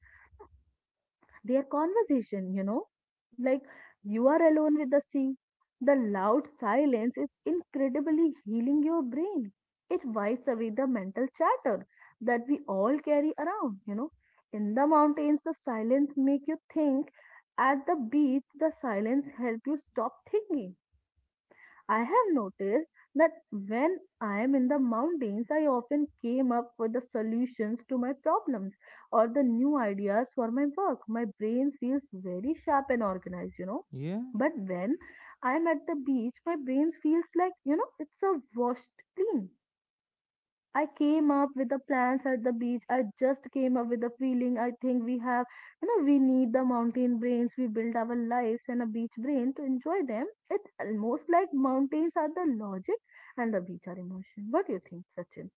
[SPEAKER 2] their conversation. Like you are alone with the sea. The loud silence is incredibly healing your brain. It wipes away the mental chatter that we all carry around. In the mountains, the silence make you think. At the beach, the silence help you stop thinking. I have noticed that when I am in the mountains, I often came up with the solutions to my problems or the new ideas for my work. My brain feels very sharp and organized.
[SPEAKER 1] yeah,
[SPEAKER 2] But when I am at the beach, my brain feels like, it's a washed clean. I came up with the plans at the beach. I just came up with the feeling. I think we have, we need the mountain brains. We build our lives and a beach brain to enjoy them. It's almost like mountains are the logic and the beach are emotion. What do you think, Sachin?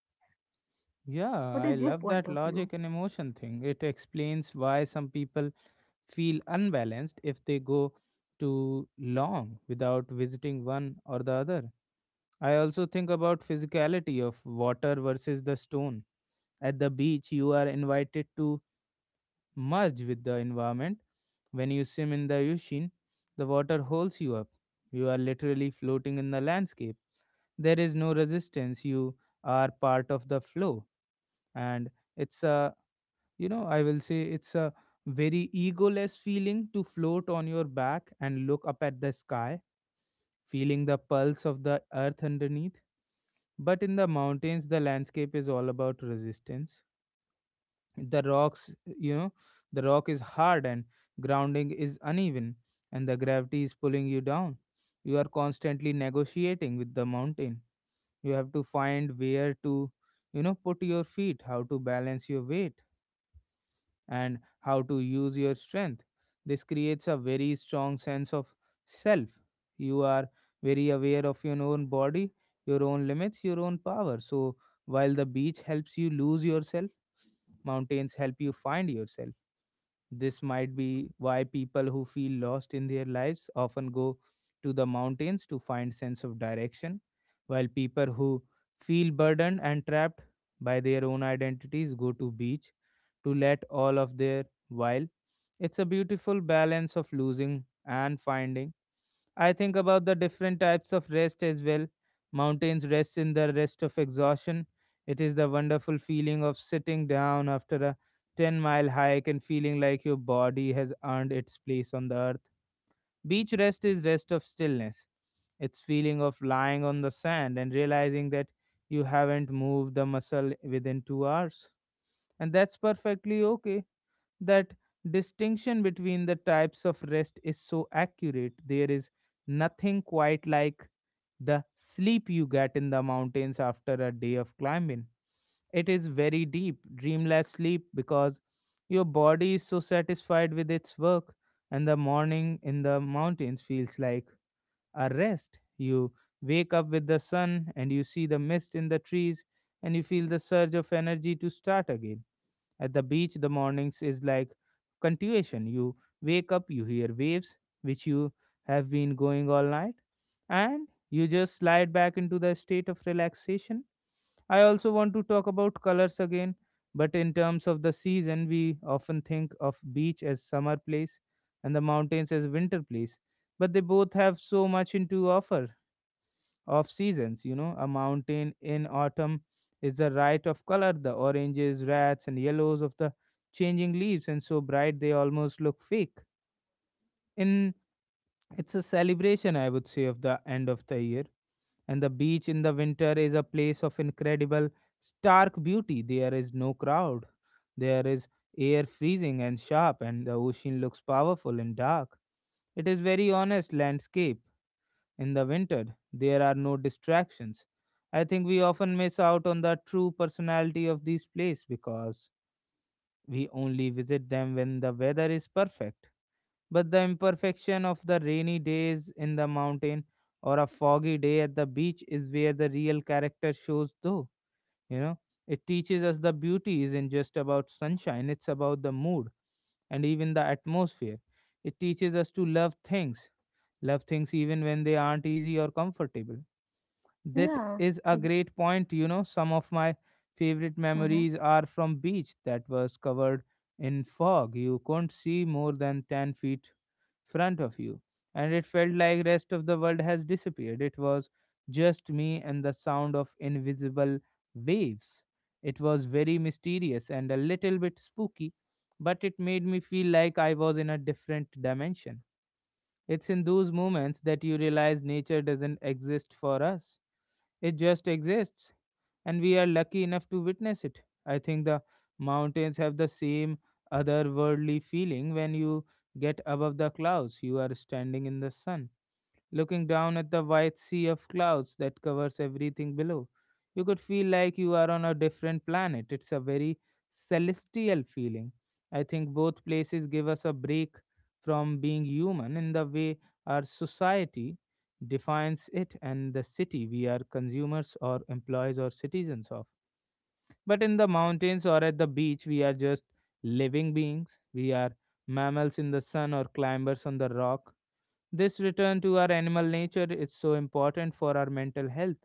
[SPEAKER 1] yeah.
[SPEAKER 2] What
[SPEAKER 1] I
[SPEAKER 2] is your
[SPEAKER 1] love
[SPEAKER 2] point
[SPEAKER 1] that
[SPEAKER 2] of view?
[SPEAKER 1] logic and emotion thing. It explains why some people feel unbalanced if they go too long without visiting one or the other. I also think about physicality of water versus the stone. At the beach, you are invited to merge with the environment. When you swim in the ocean, the water holds you up. You are literally floating in the landscape. There is no resistance. You are part of the flow, and it's a you know I will say it's a very egoless feeling to float on your back and look up at the sky, feeling the pulse of the earth underneath. But in the mountains, the landscape is all about resistance. The rocks, the rock is hard and grounding is uneven, and the gravity is pulling you down. You are constantly negotiating with the mountain. You have to find where to, put your feet, how to balance your weight, and how to use your strength. This creates a very strong sense of self. You are very aware of your own body, your own limits, your own power. So, while the beach helps you lose yourself, mountains help you find yourself. This might be why people who feel lost in their lives often go to the mountains to find sense of direction, while people who feel burdened and trapped by their own identities go to beach to let all of their while. It's a beautiful balance of losing and finding. I think about the different types of rest as well. Mountains rest in the rest of exhaustion. It is the wonderful feeling of sitting down after a 10-mile hike and feeling like your body has earned its place on the earth. Beach rest is rest of stillness. It's feeling of lying on the sand and realizing that you haven't moved the muscle within 2 hours. And that's perfectly okay. That distinction between the types of rest is so accurate. There is nothing quite like the sleep you get in the mountains after a day of climbing. It is very deep, dreamless sleep because your body is so satisfied with its work, and the morning in the mountains feels like a rest. You wake up with the sun and you see the mist in the trees, and you feel the surge of energy to start again. At the beach, the mornings is like continuation. You wake up, you hear waves, which you have been going all night, and you just slide back into the state of relaxation. I also want to talk about colors again, but in terms of the season, we often think of beach as summer place and the mountains as winter place, but they both have so much into offer of seasons. A mountain in autumn is the riot of color, the oranges, reds, and yellows of the changing leaves, and so bright they almost look fake. In it's a celebration, I would say, of the end of the year. And the beach in the winter is a place of incredible stark beauty. There is no crowd. There is air freezing and sharp, and the ocean looks powerful and dark. It is very honest landscape. In the winter, there are no distractions. I think we often miss out on the true personality of these places because we only visit them when the weather is perfect. But the imperfection of the rainy days in the mountain or a foggy day at the beach is where the real character shows, though. You know, it teaches us the beauty isn't just about sunshine, it's about the mood and even the atmosphere. It teaches us to love things even when they aren't easy or comfortable. That
[SPEAKER 2] Yeah.
[SPEAKER 1] is a great point. Some of my favorite
[SPEAKER 2] Mm-hmm.
[SPEAKER 1] memories are from beach that was covered in fog. You couldn't see more than 10 feet front of you. And it felt like rest of the world has disappeared. It was just me and the sound of invisible waves. It was very mysterious and a little bit spooky, but it made me feel like I was in a different dimension. It's in those moments that you realize nature doesn't exist for us, it just exists, and we are lucky enough to witness it. I think the mountains have the same otherworldly feeling when you get above the clouds. You are standing in the sun looking down at the white sea of clouds that covers everything below. You could feel like you are on a different planet. It's a very celestial feeling. I think both places give us a break from being human in the way our society defines it and the city we are consumers or employees or citizens of. But in the mountains or at the beach, we are just living beings. We are mammals in the sun or climbers on the rock. This return to our animal nature is so important for our mental health.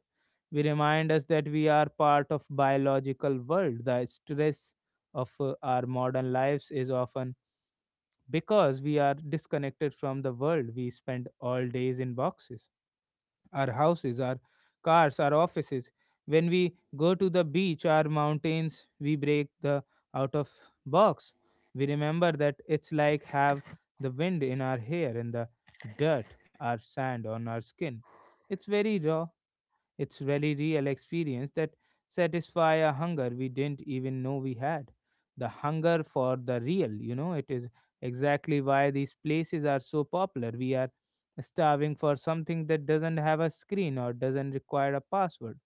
[SPEAKER 1] We remind us that we are part of biological world. The stress of our modern lives is often because we are disconnected from the world. We spend all days in boxes, our houses, our cars, our offices. When we go to the beach or mountains, we break the out of box. We remember that it's like have the wind in our hair and the dirt, our sand on our skin. It's very raw, it's really real experience that satisfy a hunger we didn't even know we had. The hunger for the real, it is exactly why these places are so popular. We are starving for something that doesn't have a screen or doesn't require a password.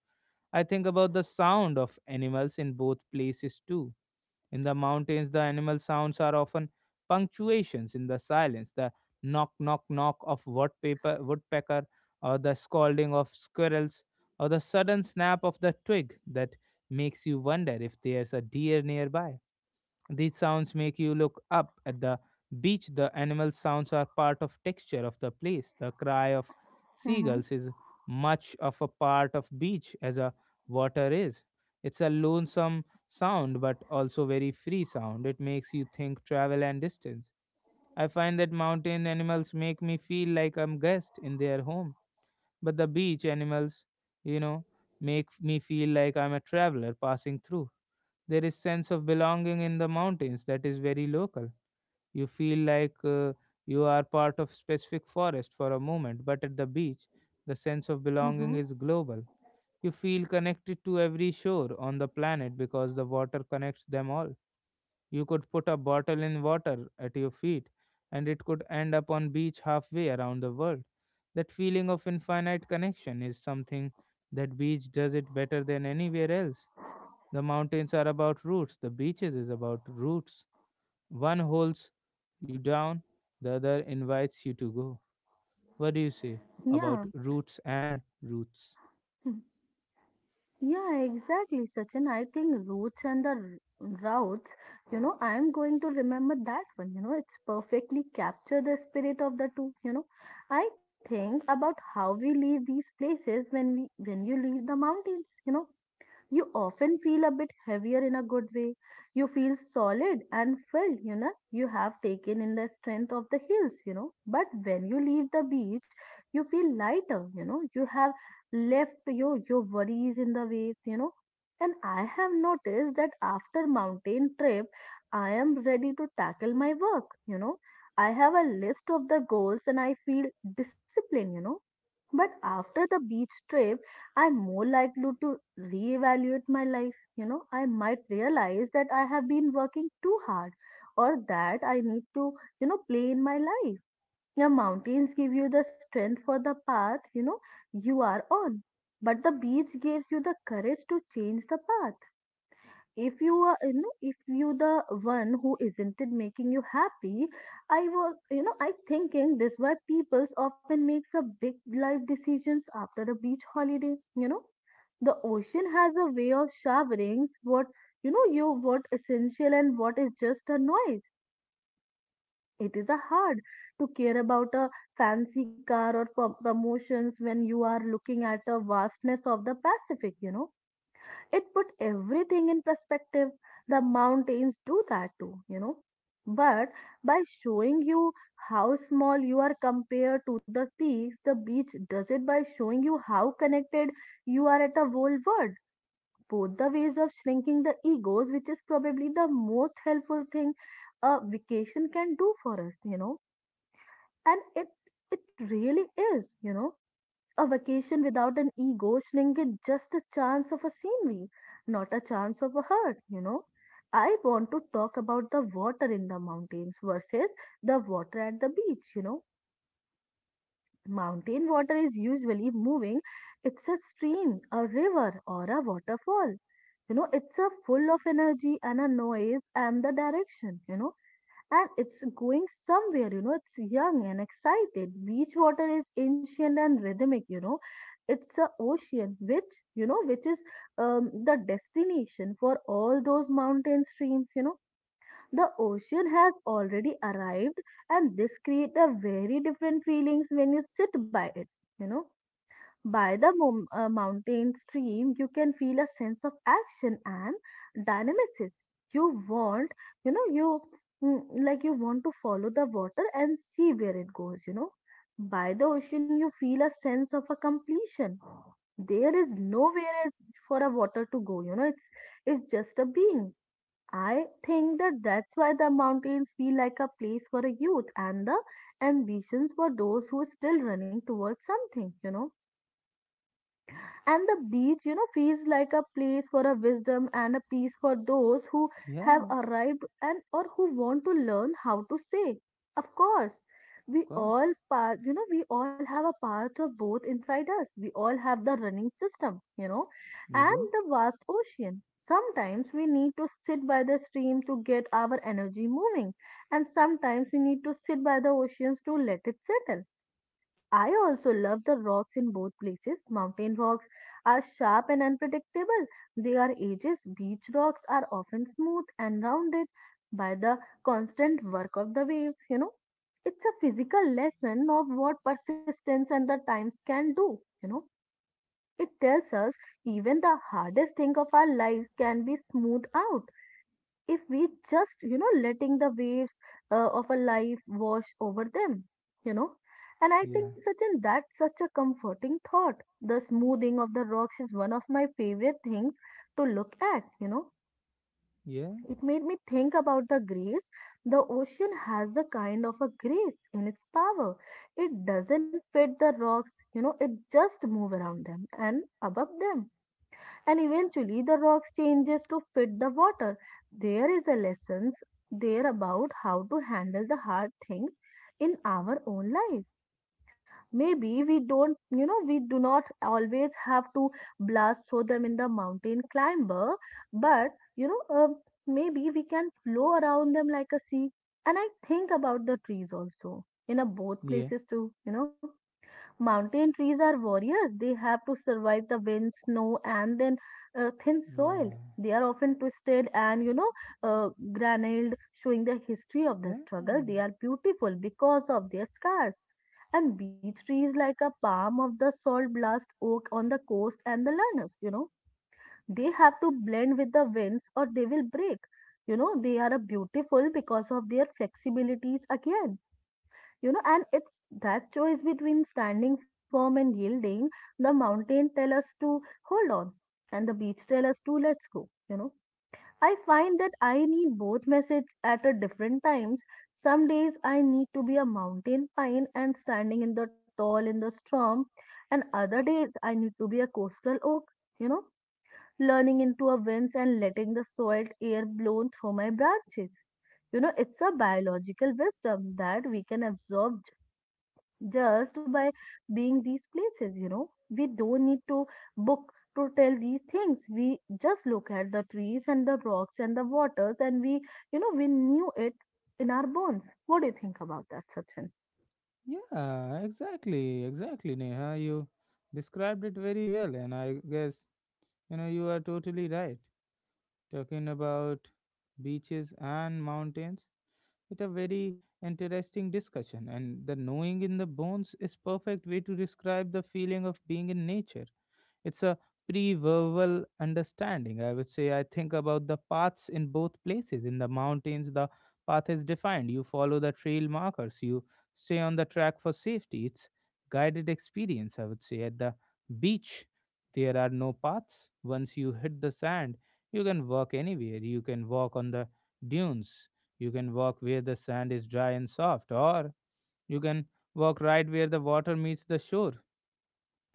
[SPEAKER 1] I think about the sound of animals in both places too. In the mountains, the animal sounds are often punctuations in the silence, the knock, knock, knock of woodpecker, woodpecker, or the scolding of squirrels, or the sudden snap of the twig that makes you wonder if there's a deer nearby. These sounds make you look up at the beach. The animal sounds are part of texture of the place. The cry of
[SPEAKER 2] Mm-hmm.
[SPEAKER 1] seagulls is much of a part of beach as a water is. It's a lonesome sound but also very free sound. It makes you think travel and distance. I find that mountain animals make me feel like I'm guest in their home. But the beach animals, you know, make me feel like I'm a traveler passing through. There is sense of belonging in the mountains that is very local. You feel like you are part of specific forest for a moment, but at the beach the sense of
[SPEAKER 2] Mm-hmm.
[SPEAKER 1] belonging is global. You feel connected to every shore on the planet because the water connects them all. You could put a bottle in water at your feet and it could end up on beach halfway around the world. That feeling of infinite connection is something that beach does it better than anywhere else. The mountains are about roots, the beaches is about roots. One holds you down, the other invites you to go. What do you say
[SPEAKER 2] Yeah.
[SPEAKER 1] about roots and roots?
[SPEAKER 2] Yeah, exactly, Sachin. I think roots and the routes, I am going to remember that one. It's perfectly capture the spirit of the two. I think about how we leave these places when we when you leave the mountains. You often feel a bit heavier in a good way. You feel solid and filled, you know. You have taken in the strength of the hills. But when you leave the beach, you feel lighter, you know. You have left your worries in the waves. And I have noticed that after mountain trip, I am ready to tackle my work. I have a list of the goals and I feel disciplined, but after the beach trip, I'm more likely to reevaluate my life. I might realize that I have been working too hard or that I need to, play in my life. The mountains give you the strength for the path, you are on. But the beach gives you the courage to change the path if you are if you the one who isn't it making you happy. I was you know i thinking this why people's often makes a big life decisions after a beach holiday. The ocean has a way of showering what you know you what essential and what is just a noise. It is a hard to care about a fancy car or promotions when you are looking at the vastness of the pacific. It put everything in perspective. The mountains do that too, you know. But by showing you how small you are compared to the peaks, the beach does it by showing you how connected you are at the whole world. Both the ways of shrinking the egos, which is probably the most helpful thing a vacation can do for us, you know. And it really is, you know. A vacation without an ego shrink it just a chance of a scenery, not a chance of a hurt, you know. I want to talk about the water in the mountains versus the water at the beach, you know. Mountain water is usually moving, it's a stream, a river, or a waterfall. You know, it's a full of energy and a noise and the direction, you know, and it's going somewhere, you know, it's young and excited. Beach water is ancient and rhythmic, you know. It's a ocean which, you know, which is the destination for all those mountain streams, you know. The ocean has already arrived and this creates a very different feelings when you sit by it, you know. By the mountain stream, you can feel a sense of action and dynamism. You want, you know, like you want to follow the water and see where it goes, you know. By the ocean, you feel a sense of a completion. There is nowhere else for a water to go, you know, it's just a being. I think that's why the mountains feel like a place for a youth and the ambitions for those who are still running towards something, you know, and the beach, you know, feels like a place for a wisdom and a peace for those who have
[SPEAKER 1] Yeah,
[SPEAKER 2] arrived and or who want to learn how to say. Of course,
[SPEAKER 1] of
[SPEAKER 2] we
[SPEAKER 1] course.
[SPEAKER 2] all part, you know, we all have a part of both inside us. We all have the running system, you know,
[SPEAKER 1] We
[SPEAKER 2] and
[SPEAKER 1] do.
[SPEAKER 2] the vast ocean. Sometimes we need to sit by the stream to get our energy moving, and sometimes we need to sit by the oceans to let it settle. I also love the rocks in both places. Mountain rocks are sharp and unpredictable. They are edges. Beach rocks are often smooth and rounded by the constant work of the waves, you know. It's a physical lesson of what persistence and the times can do, you know. It tells us even the hardest thing of our lives can be smoothed out if we just letting the waves of a life wash over them, you know. And I
[SPEAKER 1] Yeah.
[SPEAKER 2] think, Sachin, that's such a comforting thought. The smoothing of the rocks is one of my favorite things to look at, you know.
[SPEAKER 1] Yeah.
[SPEAKER 2] It made me think about the grace. The ocean has the kind of a grace in its power. It doesn't fit the rocks, you know, it just move around them and above them, and eventually the rocks changes to fit the water. There is a lessons there about how to handle the hard things in our own life. Maybe we don't, we do not always have to blast throw them in the mountain climber, but you know uh, maybe we can flow around them like a sea. And I think about the trees also in a both
[SPEAKER 1] Yeah.
[SPEAKER 2] places too, you know. Mountain trees are warriors. They have to survive the wind, snow, and then thin soil.
[SPEAKER 1] Yeah.
[SPEAKER 2] They are often twisted and granuled, showing the history of the
[SPEAKER 1] Yeah.
[SPEAKER 2] struggle. They are beautiful because of their scars. And beech trees, like a palm of the salt blast oak on the coast and the learners, you know, they have to blend with the winds or they will break. You know, they are a beautiful because of their flexibilities again, you know, and it's that choice between standing firm and yielding. The mountain tell us to hold on, and the beach tell us to let's go. You know, I find that I need both message at a different times. Some days I need to be a mountain pine and standing in the tall in the storm, and other days I need to be a coastal oak. You know, learning into a winds and letting the soiled air blown through my branches. You know, it's a biological wisdom that we can absorb just by being these places, you know. We don't need to book to tell these things. We just look at the trees and the rocks and the waters, and we, you know, we knew it in our bones. What do you think about that, Sachin?
[SPEAKER 1] Yeah, exactly. Exactly, Neha. You described it very well and I guess you are totally right. Talking about beaches and mountains. It a very interesting discussion, and the knowing in the bones is perfect way to describe the feeling of being in nature. It's a pre-verbal understanding, I would say. I think about the paths in both places. In the mountains, the path is defined. You follow the trail markers. You stay on the track for safety. It's guided experience, I would say. At the beach, there are no paths. Once you hit the sand, you can walk anywhere. You can walk on the dunes. You can walk where the sand is dry and soft, or you can walk right where the water meets the shore.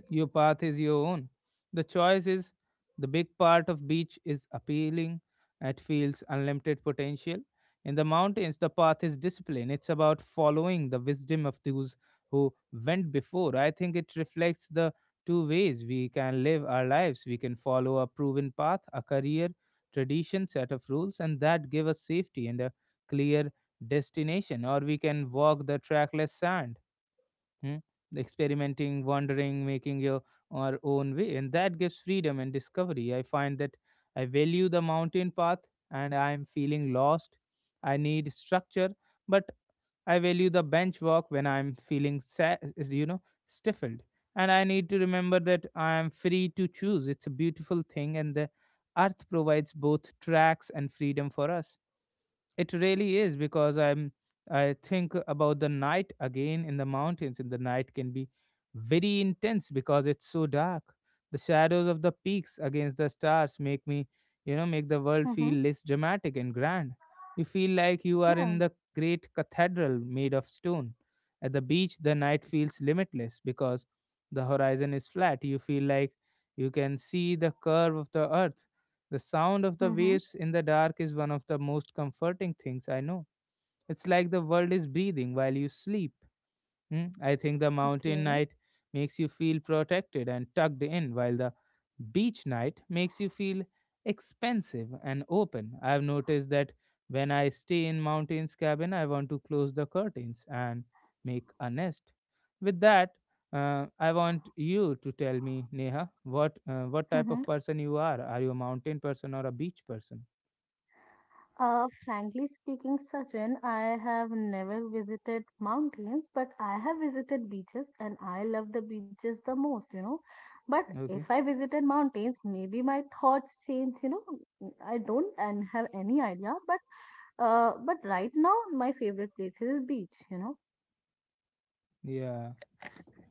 [SPEAKER 1] Your path is your own. The choice is the big part of beach is appealing. It feels unlimited potential. In the mountains, the path is discipline. It's about following the wisdom of those who went before. I think it reflects the two ways we can live our lives. We can follow a proven path, a career, tradition, set of rules, and that give us safety and a clear destination, or we can walk the trackless sand, hmm, experimenting, wandering, making your our own way, and that gives freedom and discovery. I find that I value the mountain path, and I am feeling lost. I need structure, but I value the bench walk when I'm feeling stifled, and I need to remember that I am free to choose. It's a beautiful thing, and the earth provides both tracks and freedom for us. It really is because I think about the night again in the mountains. In the night can be very intense because it's so dark. The shadows of the peaks against the stars make me, make the world
[SPEAKER 2] Mm-hmm.
[SPEAKER 1] feel less dramatic and grand. You feel like you are
[SPEAKER 2] Yeah.
[SPEAKER 1] in the great cathedral made of stone. At the beach, the night feels limitless because the horizon is flat. You feel like you can see the curve of the earth. The sound of the
[SPEAKER 2] Mm-hmm.
[SPEAKER 1] waves in the dark is one of the most comforting things I know. It's like the world is breathing while you sleep. Hmm, I think the mountain
[SPEAKER 2] Okay.
[SPEAKER 1] night makes you feel protected and tucked in, while the beach night makes you feel expensive and open. I've noticed that when I stay in mountain's cabin, I want to close the curtains and make a nest. With that, I want you to tell me, Neha, what type
[SPEAKER 2] Mm-hmm.
[SPEAKER 1] of person you are? Are you a mountain person or a beach person?
[SPEAKER 2] Frankly speaking, Sachin, I have never visited mountains, but I have visited beaches and I love the beaches the most, you know. But if
[SPEAKER 1] Okay.
[SPEAKER 2] I visited mountains, maybe my thoughts change, you know. I don't and have any idea, but right now my favorite place is beach, you know.
[SPEAKER 1] Yeah.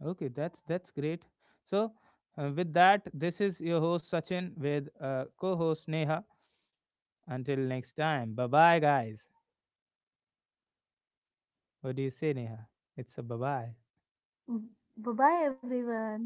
[SPEAKER 1] Okay, that's great. So, with that, this is your host Sachin with co-host Neha. Until next time, bye bye, guys. What do you say, Neha? It's a bye bye.
[SPEAKER 2] Bye bye everyone.